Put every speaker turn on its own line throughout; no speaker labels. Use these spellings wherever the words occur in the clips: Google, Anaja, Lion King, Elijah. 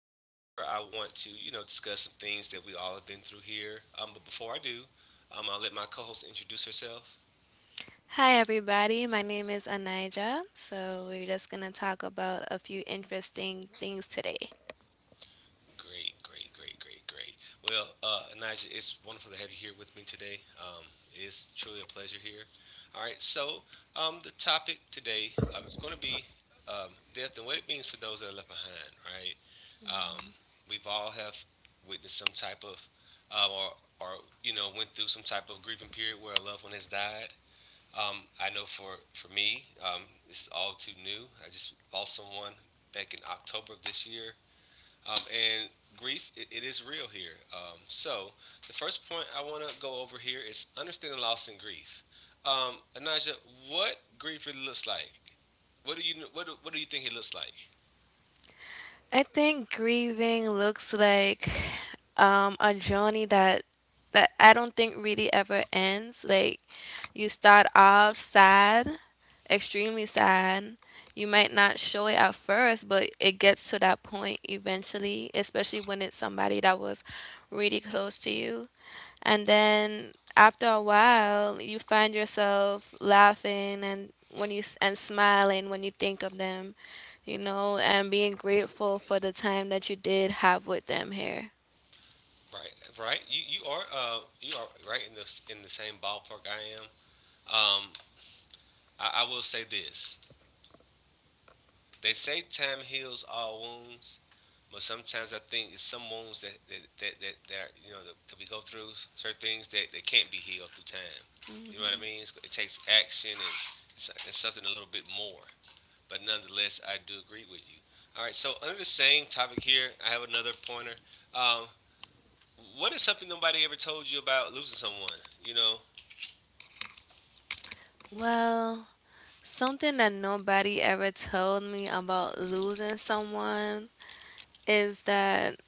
a day where I want to, discuss some things that we all have been through here. But before I do, I'll let my co-host introduce herself.
Hi, everybody. My name is Anija. So, we're just going to talk about a few interesting things today.
Great, great, great, great, great. Well, Elijah, it's wonderful to have you here with me today. It's truly a pleasure here. All right, so the topic today is going to be death and what it means for those that are left behind, right? Um, we've all have witnessed some type of, um, or, or, went through some type of grieving period where a loved one has died. I know for me, this is all too new. I just lost someone back in October of this year. And grief, it is real here. So the first point I want to go over here is understanding loss and grief. Anaja, what grief really looks like? What do you think it looks like?
I think grieving looks like a journey that I don't think really ever ends. Like you start off sad, extremely sad. You might not show it at first, but it gets to that point eventually, especially when it's somebody that was really close to you. And then after a while, you find yourself laughing and when you s- and smiling when you think of them, you know, and being grateful for the time that you did have with them here.
Right, right. You are you are right in the same ballpark I am. Um, I will say this. They say time heals all wounds, but sometimes I think it's some wounds that are, you know that, that we go through certain things that can't be healed through time. You know what I mean? It takes action and, it's, something a little bit more. But nonetheless, I do agree with you. All right. So under the same topic here, I have another pointer. Um, what is something nobody ever told you about losing someone? You know?
Well, something that nobody ever told me about losing someone is that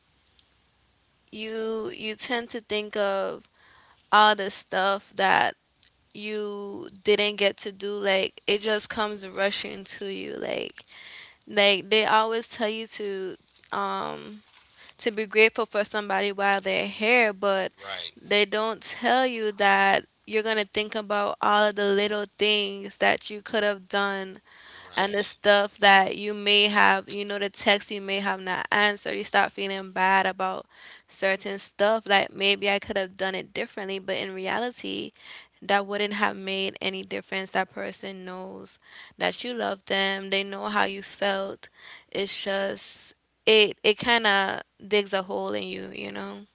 you tend to think of all the stuff that you didn't get to do, like it just comes rushing to you, like they always tell you um to be grateful for somebody while they're here, but
Right.
they don't tell you that you're gonna think about all of the little things that you could have done and the
Right.
stuff that you may have, you know, the text you may have not answered. You start feeling bad about certain stuff, like maybe I could have done it differently, but in reality, that wouldn't have made any difference. That person knows that you love them, they know how you felt. It's just it kind of digs a hole in you, you know.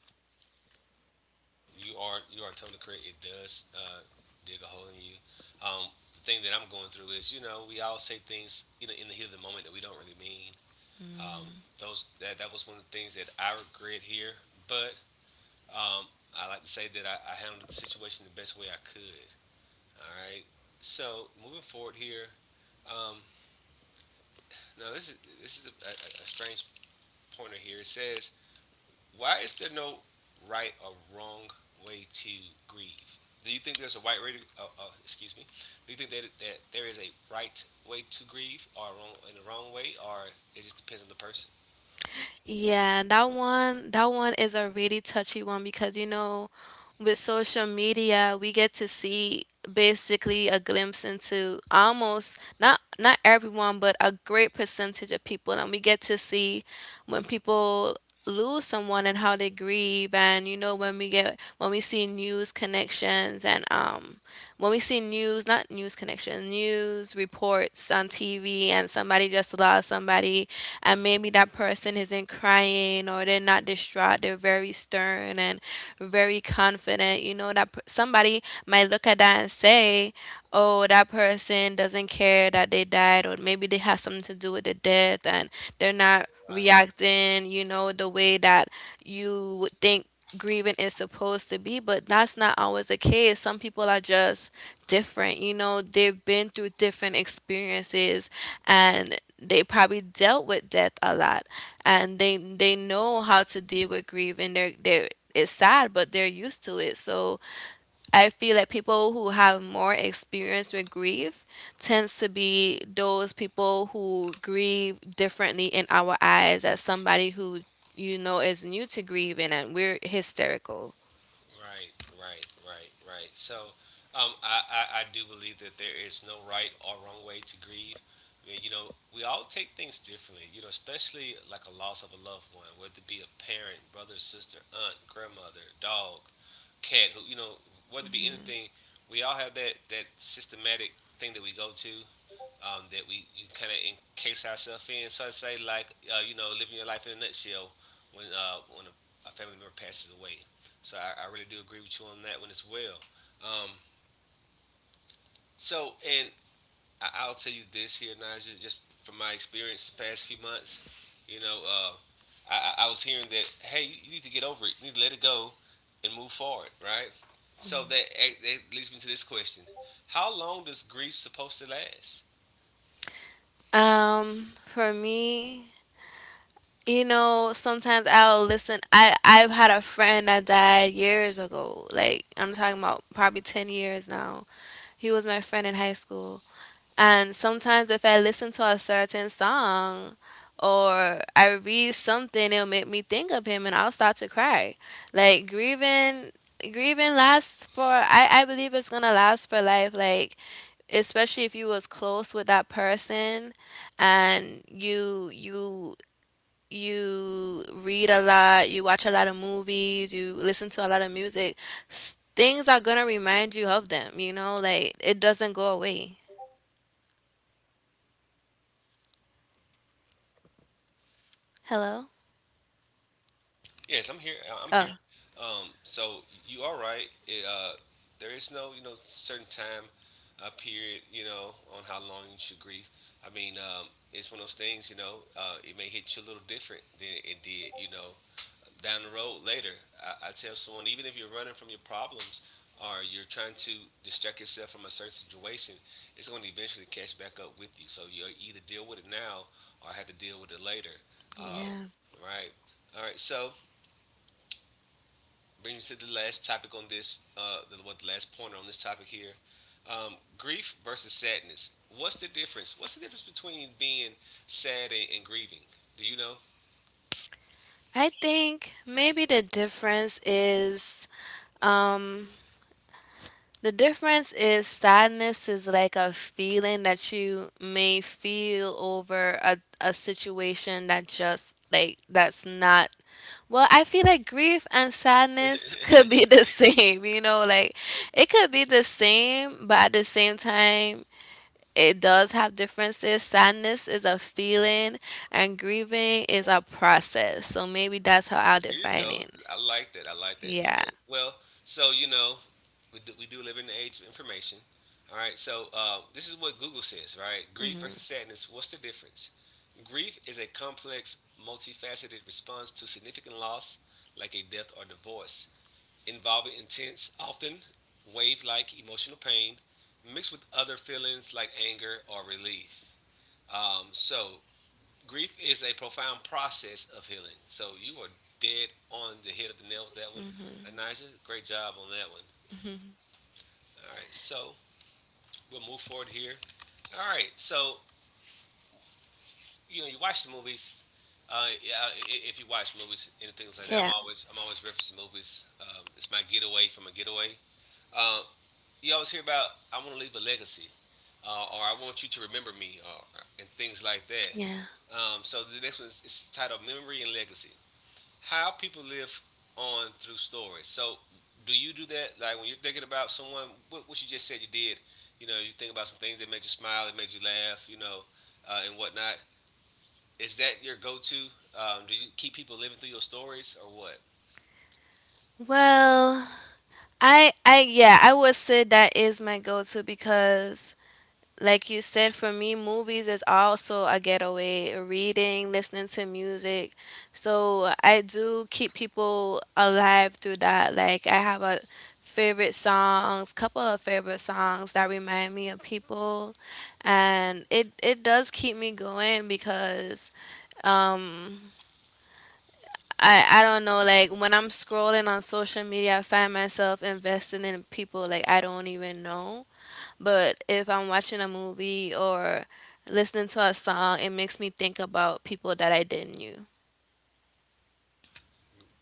You are totally correct. It does dig a hole in you. The thing that I'm going through is, you know, we all say things, you know, in the heat of the moment that we don't really mean. Um, those that that was one of the things that I regret here. But um, I like to say that I handled the situation the best way I could. All right. So moving forward here, um, now this is a strange pointer here. It says why is there no right or wrong way to grieve? Do you think there's a right way? To, excuse me. Do you think that there is a right way to grieve, or a wrong in the wrong way, or it just depends on the person?
Yeah, that one is a really touchy one because, you know, with social media, we get to see basically a glimpse into almost not everyone, but a great percentage of people, and we get to see when people lose someone and how they grieve. And you know, when we get when we see news connections and when we see news not news connections, news reports on TV, and somebody just lost somebody and maybe that person isn't crying, or they're not distraught, they're very stern and very confident. You know, that somebody might look at that and say, oh, that person doesn't care that they died, or maybe they have something to do with the death and they're not
Right.
reacting, you know, the way that you would think grieving is supposed to be, but that's not always the case. Some people are just different, you know, they've been through different experiences and they probably dealt with death a lot, and they know how to deal with grief, and they're it's sad, but they're used to it. So I feel like people who have more experience with grief tends to be those people who grieve differently in our eyes as somebody who, you know, is new to grieving and we're hysterical.
Right, right, right, right. So, I do believe that there is no right or wrong way to grieve. I mean, you know, we all take things differently, you know, especially like a loss of a loved one, whether it be a parent, brother, sister, aunt, grandmother, dog, cat, who, you know, whether it be anything, we all have that systematic thing that we go to that we you kind of encase ourselves in. So I say like you know, living your life in a nutshell when a family member passes away. So I really do agree with you on that one as well. Um, so and I'll tell you this here, Naja, just from my experience the past few months, you know, I was hearing that, hey, you need to get over it, you need to let it go, and move forward, right? So that leads me to this question: how long does grief supposed to last?
For me, you know, sometimes I'll listen. I've had a friend that died years ago. Like I'm talking about probably 10 years now. He was my friend in high school. And sometimes if I listen to a certain song or I read something, it'll make me think of him and I'll start to cry. Like grieving lasts for I believe it's gonna last for life, like especially if you was close with that person and you read a lot, you watch a lot of movies, you listen to a lot of music, things are gonna remind you of them, you know, like it doesn't go away. Hello?
Yes, I'm here. I'm here.
Oh,
So you are right. It there is no, you know, certain time period, you know, on how long you should grieve. I mean, it's one of those things, you know. It may hit you a little different than it did, you know, down the road later. I tell someone, even if you're running from your problems or you're trying to distract yourself from a certain situation, it's going to eventually catch back up with you. So you either deal with it now or have to deal with it later. Uh,
yeah.
right. All right. So when you said the last topic on this, what the last pointer on this topic here, grief versus sadness. What's the difference? What's the difference between being sad and grieving? Do you know?
I think maybe the difference is um sadness is like a feeling that you may feel over a situation that just like that's not well, I feel like grief and sadness could
There
be the same, you know, like it could be the same, but at the same time it does have differences. Sadness is a feeling, and grieving is a process. So maybe that's how I'll
you
define
go.
it.
I like that. I like that.
Yeah.
Okay. Well, so you know, we do live in the age of information. All right. So this is what Google says. Right. Grief
Hmm.
versus sadness. What's the difference? Grief is a complex, multifaceted response to significant loss, like a death or divorce, involving intense, often wave like emotional pain mixed with other feelings like anger or relief. So grief is a profound process of healing. So, you are dead on the head of the nail with that one.
Hmm.
Anijah, great job on that one. All right, so we'll move forward here. All right, so you know you watch the movies. Yeah, if you watch movies and things like that,
Yeah.
I'm always referencing movies. It's my getaway from a getaway. Uh, you always hear about I want to leave a legacy, or I want you to remember me, or, and things like that.
Yeah.
So the next one is it's titled Memory and Legacy: How People Live On Through Stories. So, do you do that? Like when you're thinking about someone, what you just said you did. You know, you think about some things that made you smile, that made you laugh, you know, and whatnot. Is that your go-to? Do you keep people living through your stories, or what?
Well, I would say that is my go-to because, like you said, for me, movies is also a getaway, reading, listening to music. So I do keep people alive through that. Like I have a favorite songs, couple of favorite songs that remind me of people, and it does keep me going because um I don't know, like when I'm scrolling on social media I find myself investing in people like I don't even know, but if I'm watching a movie or listening to a song, it makes me think about people that I didn't knew.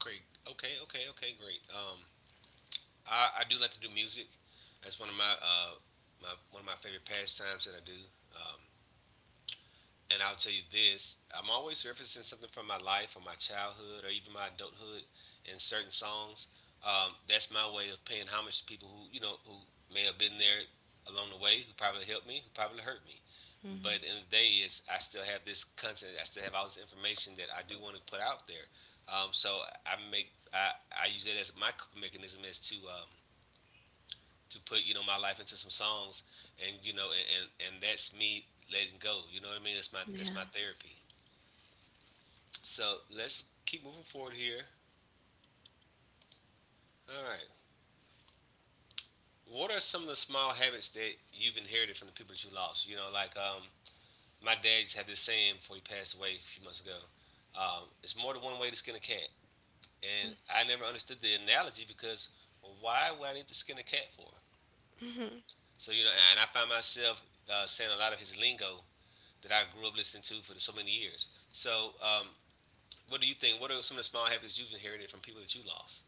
Great. Okay. Okay. Okay. Great. I do like to do music. That's one of my one of my favorite pastimes that I do. Um, and I'll tell you this: I'm always referencing something from my life, or my childhood, or even my adulthood in certain songs. That's my way of paying homage to people who, you know, who may have been there along the way, who probably helped me, who probably hurt me. But at the end of the day, is I still have this content, I still have all this information that I do want to put out there. So I make I use that as my coping mechanism as to, to put, you know, my life into some songs, and you know, and that's me letting go. You know what I mean? That's
Yeah.
my therapy. So let's keep moving forward here. All right. What are some of the small habits that you've inherited from the people that you lost? You know, like, my dad just had this saying before he passed away a few months ago. It's more than one way to skin a cat, and I never understood the analogy because why would I need to skin a cat for? So you know, and I find myself saying a lot of his lingo that I grew up listening to for so many years. So, what do you think? What are some of the small habits you've inherited from people that you lost?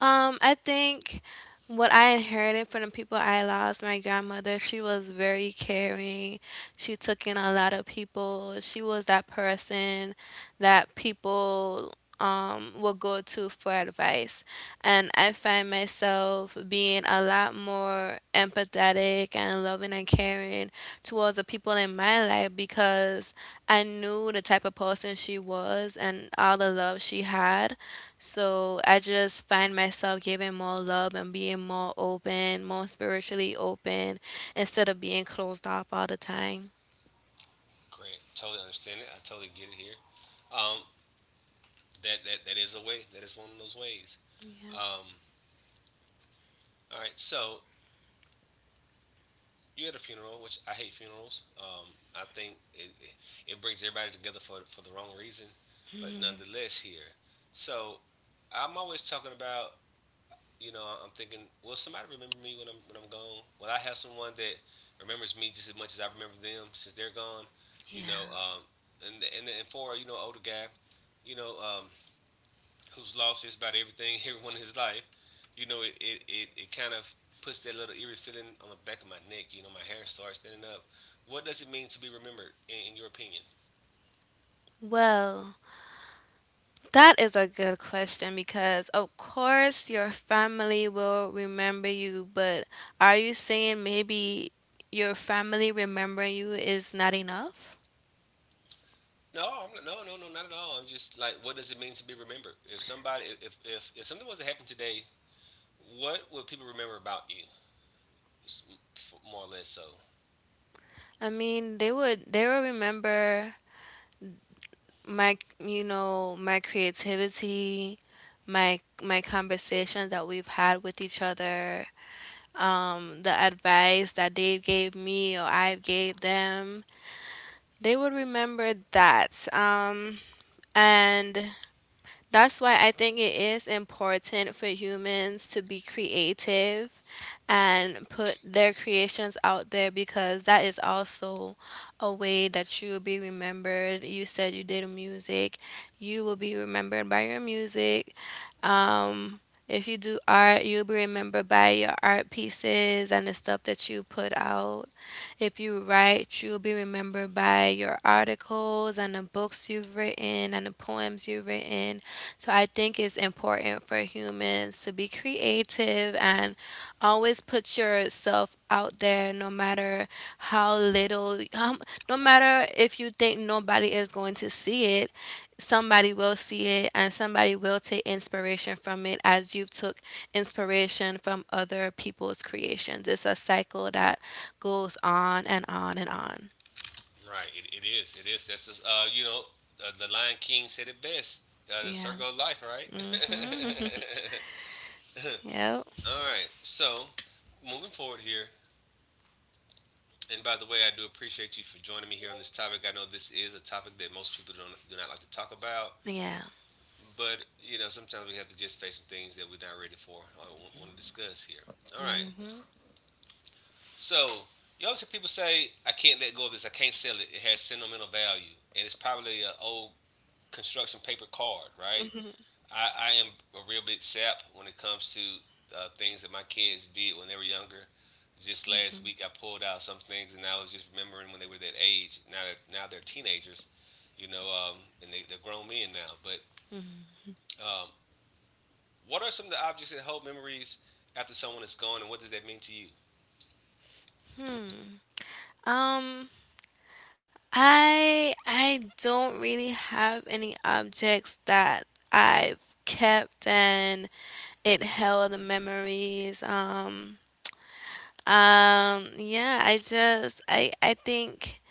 I think what I inherited from the people I lost, my grandmother, she was very caring. She took in a lot of people. She was that person that people will go to for advice. And I find myself being a lot more empathetic and loving and caring towards the people in my life because I knew the type of person she was and all the love she had. So I just find myself giving more love and being more open, more spiritually open, instead of being closed off all the time.
Grant, totally understand it. I totally get it here. Um, that is a way. That is one of those ways.
Yeah.
Um, all right. So you had a funeral, which I hate funerals. I think it brings everybody together for the wrong reason, but nonetheless here. So I'm always talking about, you know, I'm thinking, will somebody remember me when I'm gone? Will I have someone that remembers me just as much as I remember them since they're gone? You know,
Yeah.
and for, you know, older guy, you know, who's lost just about everything, everyone in his life, you know, it kind of puts that little eerie feeling on the back of my neck. You know, my hair starts standing up. What does it mean to be remembered, in your opinion?
Well, that is a good question because, of course, your family will remember you, but are you saying maybe your family remembering you is not enough?
No, I'm not, no, no, no, not at all. I'm just like, what does it mean to be remembered? If somebody, if something was to happen today, what would people remember about you? It's more or less so.
I mean, they will remember my, you know, my creativity, my conversations that we've had with each other, the advice that they gave me or I gave them, they would remember that. And That's why I think it is important for humans to be creative and put their creations out there, because that is also a way that you will be remembered. You said you did music, you will be remembered by your music. Um, if you do art, you'll be remembered by your art pieces and the stuff that you put out. If you write, you'll be remembered by your articles and the books you've written and the poems you've written. So I think it's important for humans to be creative and always put yourself out there, no matter how little, no matter if you think nobody is going to see it, somebody will see it and somebody will take inspiration from it, as you have took inspiration from other people's creations. It's a cycle that goes on and on and on.
Right. It is. It is. That's just, you know, the Lion King said it best. The
Yeah.
circle of life, right?
Mhm. Yep.
All right. So, moving forward here, and by the way, I do appreciate you for joining me here on this topic. I know this is a topic that most people don't do not like to talk about,
Yeah.
but you know, sometimes we have to just face some things that we're not ready for or want to discuss here. All right. So you always hear people say, "I can't let go of this. I can't sell it. It has sentimental value, and it's probably an old construction paper card, right?" I am a real bit sap when it comes to things that my kids did when they were younger. Just last week, I pulled out some things, and I was just remembering when they were that age. Now they're teenagers, you know, and they're grown men now. But um, what are some of the objects that hold memories after someone is gone, and what does that mean to you?
um I don't really have any objects that I've kept and it held memories. Yeah, I just I think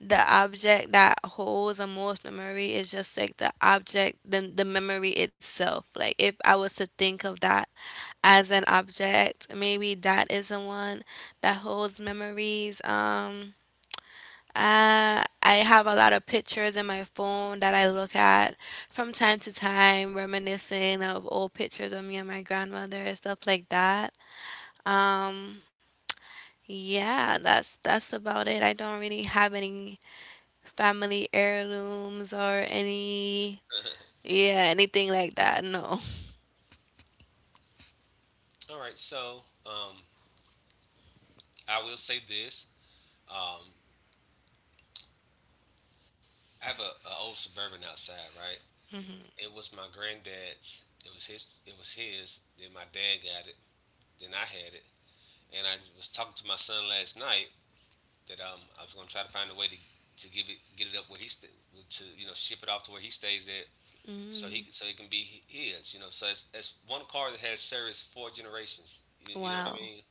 the object that holds the most memory is just like the object, the memory itself. Like if I was to think of that as an object, maybe that is the one that holds memories. I have a lot of pictures in my phone that I look at from time to time, reminiscing of old pictures of me and my grandmother and stuff like that. Um, yeah, that's about it. I don't really have any family heirlooms or any yeah, anything like that. No.
All right, so I will say this. Um, I have a old suburban outside, right? It was my granddad's. It was his. It was his. Then my dad got it. Then I had it. And I was talking to my son last night that I was gonna try to find a way to give it get it up where to you know ship it off to where he stays at so
Mm,
he so it can be his. You know, so it's one car that has service four generations. You know what I
wow.
mean?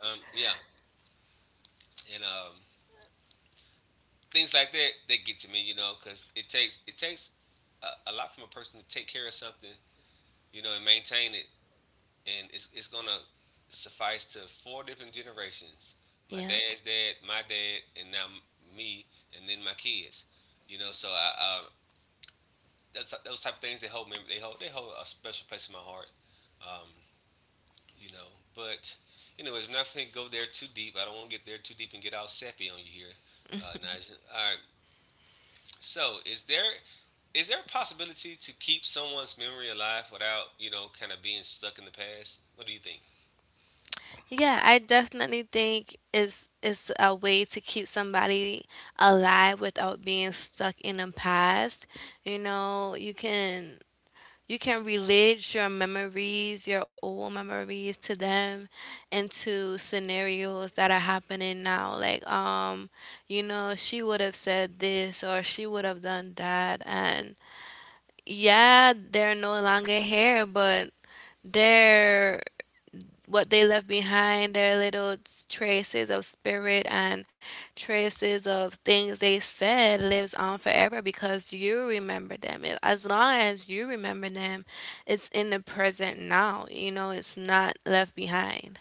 Yeah. And things like that they get to me, you know, because it takes a lot from a person to take care of something, you know, and maintain it, and it's gonna suffice to four different generations. My
Yeah.
dad's dad, my dad, and now me, and then my kids. You know, so I, uh, that's those type of things they hold me. They hold a special place in my heart. Um, you know, but anyways, I'm not going to go there too deep. I don't want to get there too deep and get all sappy on you here, Nigel. All right. So, is there a possibility to keep someone's memory alive without, you know, kind of being stuck in the past? What do you think?
Yeah, I definitely think it's a way to keep somebody alive without being stuck in the past. You know, you can relate your memories, your old memories, to them into scenarios that are happening now. Like, you know, she would have said this or she would have done that, and yeah, they're no longer here, but they're what they left behind, their little traces of spirit and traces of things they said, lives on forever because you remember them. As long as you remember them, it's in the present now. You know, it's not left behind.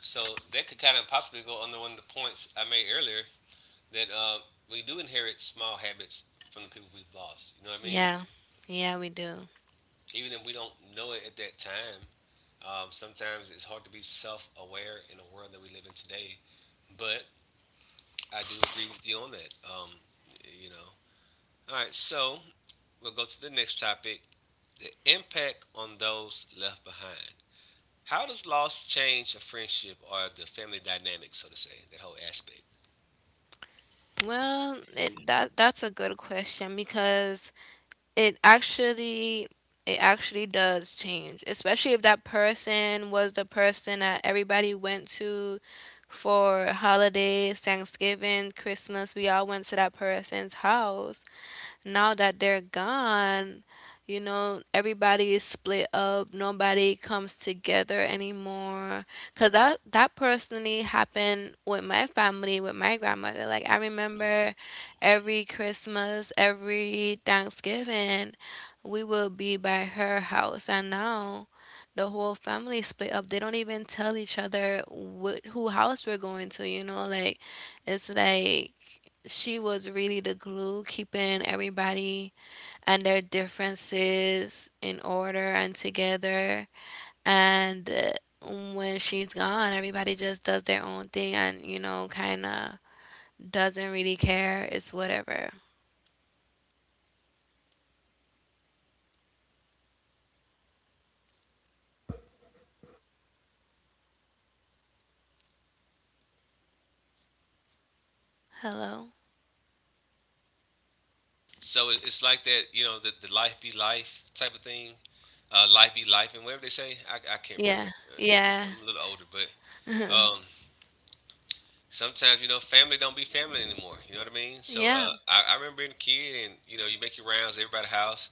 So that could kind of possibly go under one of the points I made earlier that we do inherit small habits from the people we've lost. You know what I mean?
Yeah. Yeah, we do.
Even if we don't know it at that time, sometimes it's hard to be self aware in the world that we live in today. But I do agree with you on that. You know. All right, so we'll go to the next topic the impact on those left behind. How does loss change a friendship or the family dynamic, so to say, that whole aspect?
Well, that that's a good question because it actually does change, especially if that person was the person that everybody went to for holidays, Thanksgiving, Christmas. We all went to that person's house. Now that they're gone, you know, everybody is split up. Nobody comes together anymore. Cause that personally happened with my family, with my grandmother. Like I remember every Christmas, every Thanksgiving, we will be by her house, and now the whole family split up. They don't even tell each other what who house we're going to. You know, like it's like she was really the glue keeping everybody and their differences in order and together. And when she's gone, everybody just does their own thing and, you know, kind of doesn't really care, it's whatever. Hello?
So it's like that, you know, the life be life type of thing. Life be life, and whatever they say, I can't
Yeah.
remember. You know,
Yeah.
I'm a little older, but um, sometimes you know, family don't be family anymore. You know what I mean? So
Yeah,
I remember being a kid, and you know, you make your rounds to everybody's house.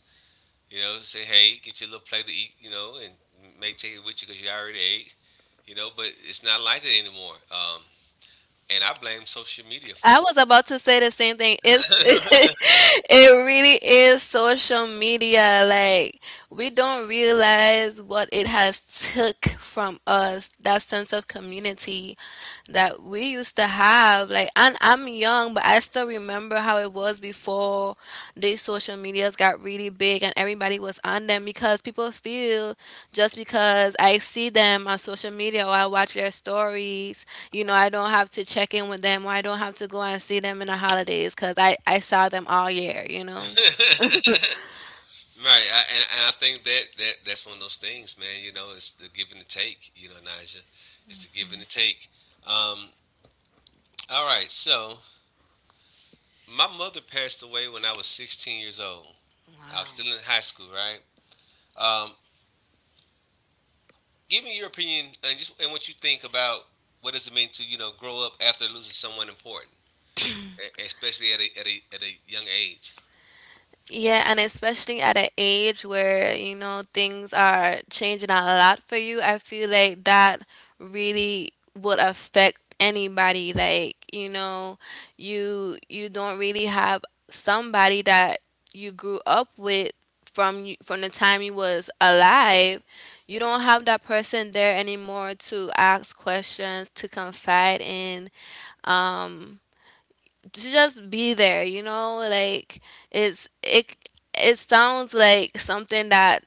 You know, say hey, get you a little plate to eat. You know, and may take it with you because you already ate. You know, but it's not like that anymore. And I blame social media for
I was about to say the same thing. It's
right,
it really is social media. Like we don't realize what it has took from us, that sense of community that we used to have. Like and I'm young, but I still remember how it was before these social medias got really big and everybody was on them because people feel just because I see them on social media or I watch their stories. I don't have to check in with them, or I don't have to go and see them in the holidays because I saw them all year, you know?
and I think that that's one of those things, man. You know, it's the give and the take. You know, Naja, it's the give and the take. Um, all right, so my mother passed away when I was 16 years old. I was still in high school, right? Um, give me your opinion and just and what you think about what does it mean to you know grow up after losing someone important, especially at a at a at a young age.
Yeah, and especially at an age where things are changing a lot for you, I feel like that really would affect anybody. Like, you don't really have somebody that you grew up with from the time you was alive. You don't have that person there anymore to ask questions, to confide in. um, to just be there, like it's it it sounds like something that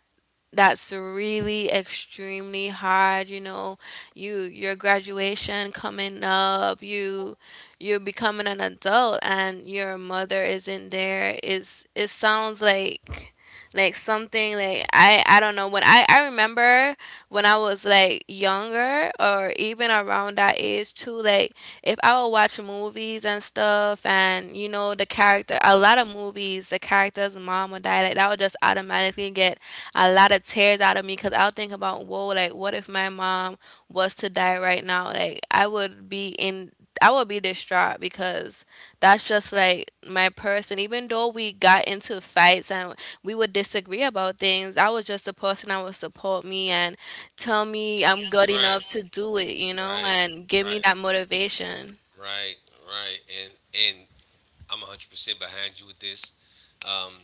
that's really extremely hard. Your graduation coming up. You're becoming an adult and your mother isn't there is It sounds like something. Like I don't know. When I remember when I was like younger or even around that age too, like if I would watch movies and stuff, and the character a lot of movies the character's mom would die, like that would just automatically get a lot of tears out of me, because I'll think about, whoa, like, what if my mom was to die right now? Like, I would be distraught because that's just like my person. Even though we got into fights and we would disagree about things, I was just the person that would support me and tell me I'm good
Right,
enough to do it,
right,
and give me
right,
that motivation.
right, right, and I'm 100% behind you with this. Um,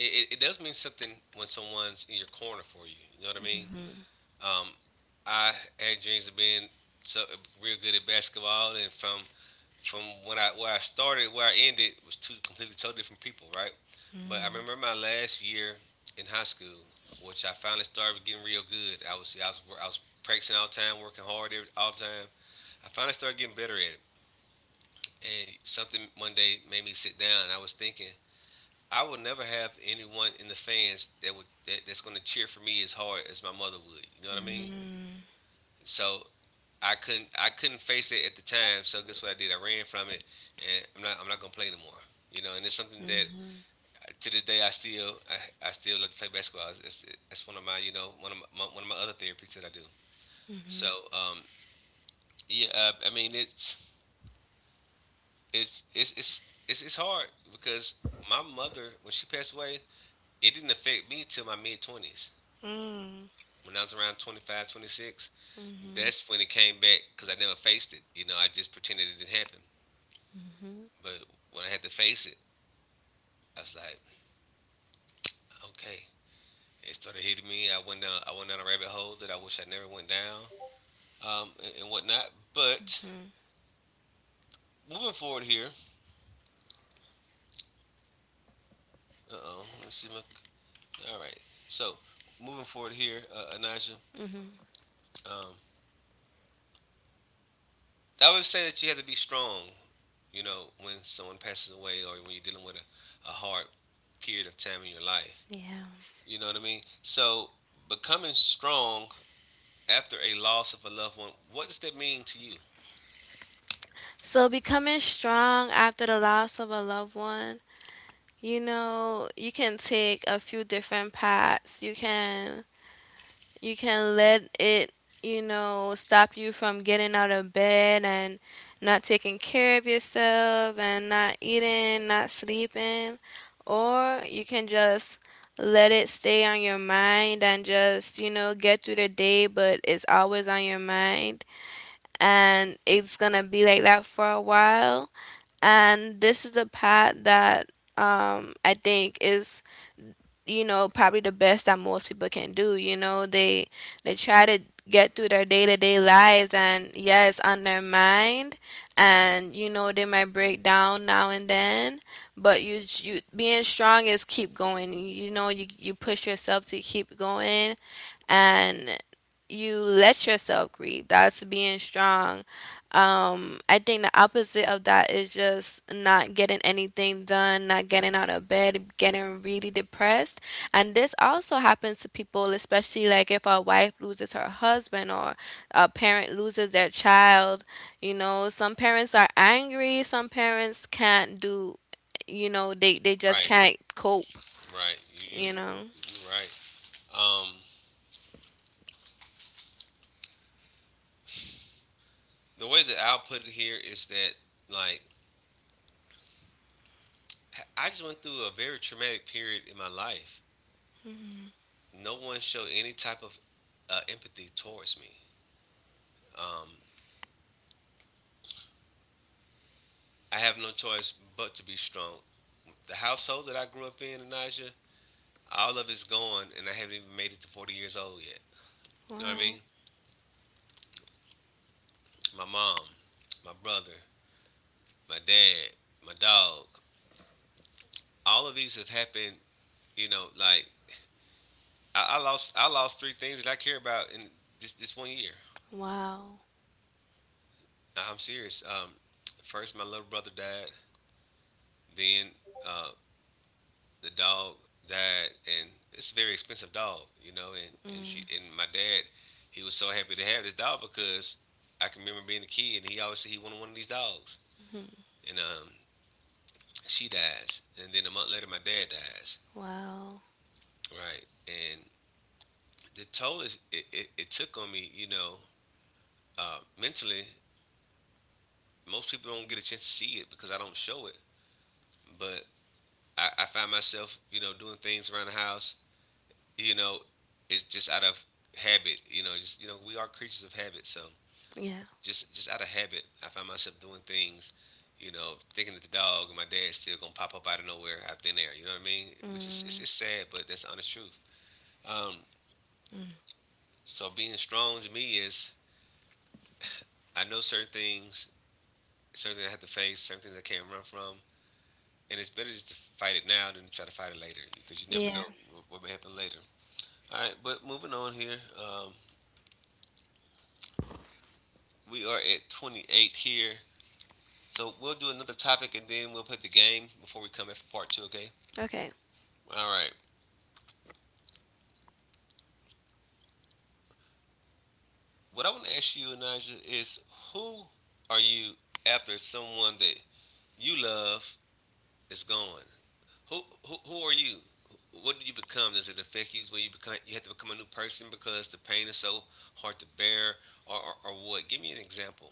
it does mean something when someone's in your corner for you. You know what I mean? Um, I had dreams of being so real good at basketball, and from when I where I started, where I ended was two completely totally different people, right? But I remember my last year in high school, which I finally started getting real good. I was practicing all the time, working hard every, all the time. I finally started getting better at it, and something one day made me sit down. And I was thinking, I would never have anyone in the fans that would that's going to cheer for me as hard as my mother would. You know what I mean? So I couldn't face it at the time. So guess what I did? I ran from it, and I'm not going to play anymore. You know, and it's something that to this day I still love to play basketball. It's one of my you know one of my other therapies that I do. So um, yeah, I mean it's hard because my mother when she passed away, it didn't affect me till my mid twenties when I was around 25, 26. That's when it came back because I never faced it. You know, I just pretended it didn't happen. But when I had to face it, I was like, okay. It started hitting me. I went down. I went down a rabbit hole that I wish I never went down, and whatnot. But moving forward here. Uh oh. Let me see my. All right. So moving forward here, Anaja. Um, I would say that you have to be strong. You know, when someone passes away or when you're dealing with a hard period of time in your life,
Yeah.
You know what I mean? So becoming strong after a loss of a loved one, what does that mean to you?
So, becoming strong after the loss of a loved one. You know, you can take a few different paths. You can let it stop you from getting out of bed and not taking care of yourself and not eating, not sleeping. Or you can just let it stay on your mind and just get through the day, but it's always on your mind. And it's gonna be like that for a while. And this is the path that I think is probably the best that most people can do. They try to get through their day-to-day lives, and, yeah, it's on their mind, and they might break down now and then. But you being strong is keep going. You push yourself to keep going, and you let yourself grieve. That's being strong. I think the opposite of that is just not getting anything done, not getting out of bed, getting really depressed. And this also happens to people, especially like if a wife loses her husband or a parent loses their child. You know, some parents are angry, some parents can't do, they just
Right,
can't cope,
right.
you know.
You're right. Um, the way that I'll put it here is that like I just went through a very traumatic period in my life. No one showed any type of empathy towards me. Um, I have no choice but to be strong. The household that I grew up in, Anaja, all of it's gone, and I haven't even made it to 40 years old yet. You know what I
Wow.
mean? My mom, my brother, my dad, my dog. All of these have happened. You know, like I lost three things that I care about in this one year.
Wow.
I'm serious. First, my little brother died. Then uh, the dog died, and it's a very expensive dog, you know. And she
Mm.
and my dad, he was so happy to have this dog because I can remember being a kid, and he always said he wanted one of these dogs. And she dies, and then a month later, my dad dies.
Wow.
Right, and the toll took on me, you know, mentally, most people don't get a chance to see it because I don't show it. But I find myself, you know, doing things around the house, you know, it's just out of habit, you know, just, you know, we are creatures of habit. So
Yeah.
just out of habit, I find myself doing things, you know, thinking that the dog and my dad's still going to pop up out of nowhere out thin air, you know what I mean? Which is,
Mm,
it's sad, but that's the honest truth. Um, so being strong to me is I know certain things I have to face, certain things I can't run from. And it's better just to fight it now than to try to fight it later because you never
yeah.
know what may happen later. All right, but moving on here, um, we are at 28 here. So we'll do another topic and then we'll play the game before we come in for part two, okay?
Okay.
All right. What I want to ask you, Anaja, is who are you after someone that you love is gone? Who, who are you? What do you become? Does it affect you? Where you become you have to become a new person because the pain is so hard to bear, or or what? Give me an example.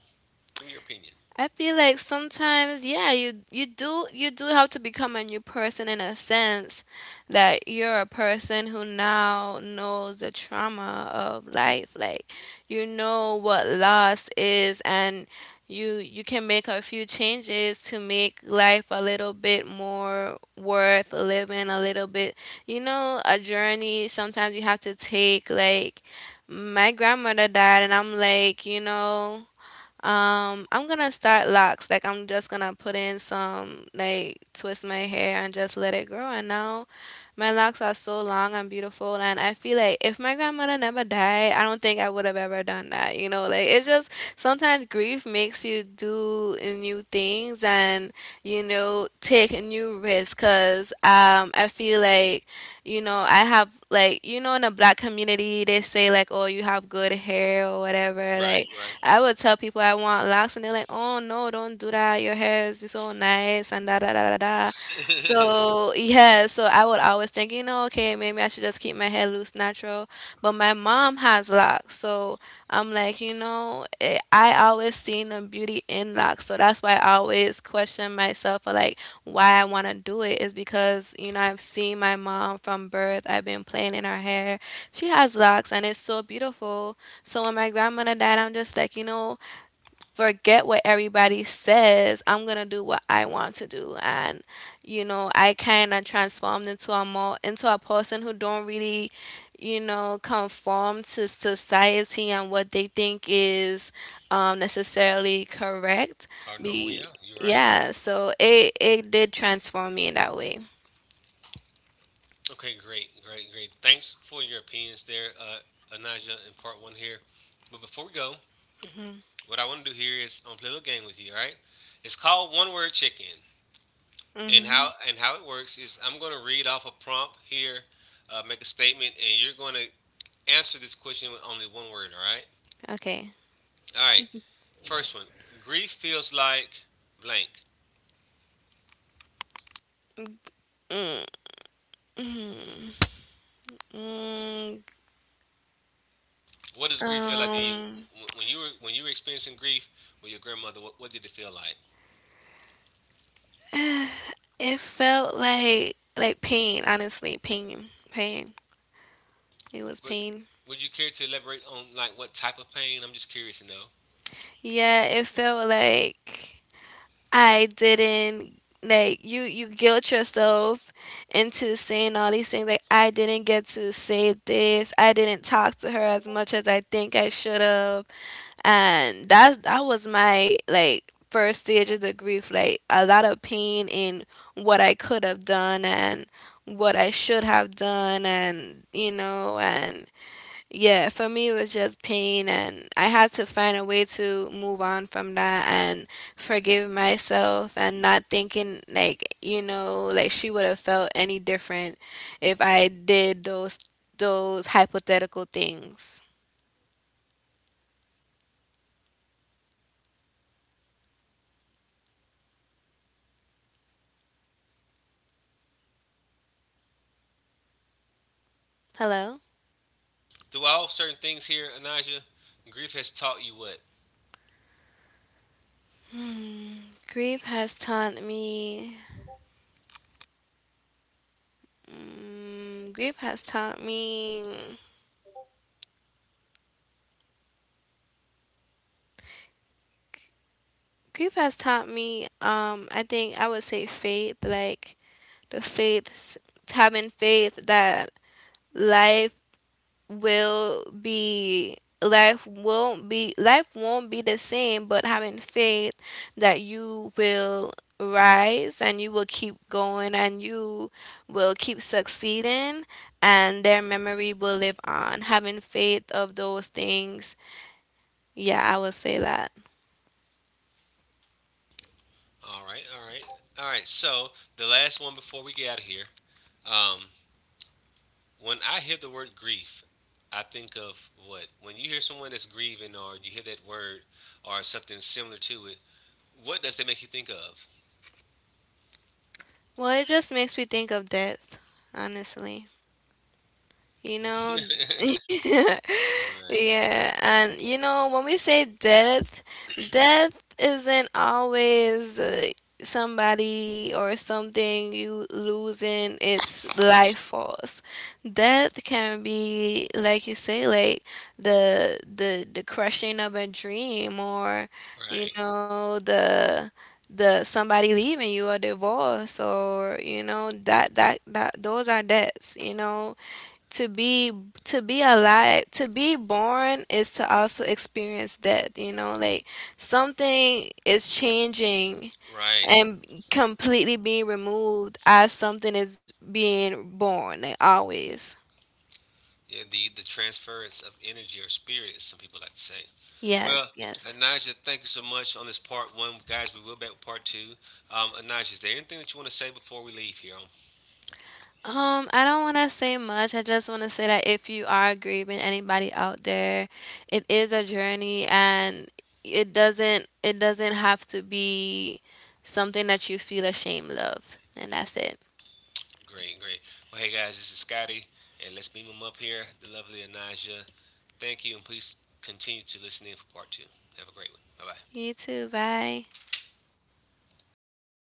Give me your opinion.
I feel like sometimes, yeah, you do have to become a new person in a sense that you're a person who now knows the trauma of life. Like you know what loss is, and you can make a few changes to make life a little bit more worth living a little bit. You know, a journey sometimes you have to take, like my grandmother died, and I'm like, I'm gonna start locks. Like I'm just gonna put in some like twist my hair and just let it grow. And now my locks are so long and beautiful. And I feel like if my grandmother never died, I don't think I would have ever done that. You know, like it's just sometimes grief makes you do new things and take a new risk. Cause I feel like I have like in a black community they say like, oh, you have good hair or whatever,
Right,
like.
right.
I would tell people I want locks, and they're like, "Oh no, don't do that. Your hair is so nice," and da da da da da. So yeah, so I would always think, okay, maybe I should just keep my hair loose, natural. But my mom has locks, so I'm like, I always seen the beauty in locks, so that's why I always question myself for like why I want to do it is because I've seen my mom from birth. I've been playing in her hair. She has locks, and it's so beautiful. So when my grandmother died, I'm just like, forget what everybody says. I'm gonna do what I want to do, and I kind of transformed into a person who don't really conform to society and what they think is necessarily correct.
Our normal,
Be
yeah. You're right.
yeah. So it did transform me in that way.
Okay, great, great, great. Thanks for your opinions there, Anaja, in part one here. But before we go, what I want to do here is play a little game with you. All right? It's called one word chicken, and how it works is I'm going to read off a prompt here, make a statement, and you're going to answer this question with only one word, all right?
Okay.
All right. First one. Grief feels like blank.
Mm,
What does grief feel like to you
um.
when you were experiencing grief with your grandmother? What did it feel like?
It felt like pain, honestly, pain, pain. It was
Would,
pain.
would you care to elaborate on like what type of pain? I'm just curious to know.
Yeah, it felt like I didn't like you guilt yourself into saying all these things, like I didn't get to say this. I didn't talk to her as much as I think I should have, and that was my like first stage of the grief, like a lot of pain in what I could have done and what I should have done, and you know and yeah, for me it was just pain, and I had to find a way to move on from that and forgive myself, and not thinking like she would have felt any different if I did those hypothetical things. Hello.
Through all certain things here, Anaja, grief has taught you what?
Grief has taught me. Grief has taught me. Grief has taught me. I think I would say faith, like the faith, having faith that life will be life won't be life won't be the same, but having faith that you will rise and you will keep going and you will keep succeeding and their memory will live on, having faith of those things, yeah, I would say that.
All right, all right, all right. So the last one before we get out of here. Um, When I hear the word grief, I think of what? When you hear someone that's grieving or you hear that word or something similar to it, what does that make you think of?
Well, it just makes me think of death, honestly. You
right,
know, yeah, and when we say death, death isn't always somebody or something you losing its life force. Death can be, like you say, like the crushing of a dream, or you
right,
know, the somebody leaving you a divorce, or you know that that that those are deaths. To be to be alive, to be born is to also experience death, like something is changing
right.
and completely being removed as something is being born, like always.
Yeah, the transference of energy or spirit, as some people like to say. Well,
Yes, yes.
Anaja, thank you so much on this part one. Guys, we will back with part two. Anaja, is there anything that you want to say before we leave here?
I don't want to say much. I just want to say that if you are grieving anybody out there, it is a journey, and it doesn't have to be something that you feel ashamed of, and that's it.
Great, great. Well, hey, guys, this is Scotty, and let's beam him up here, the lovely Anaja. Thank you, and please continue to listen in for part two. Have a great one. Bye bye.
You too. Bye.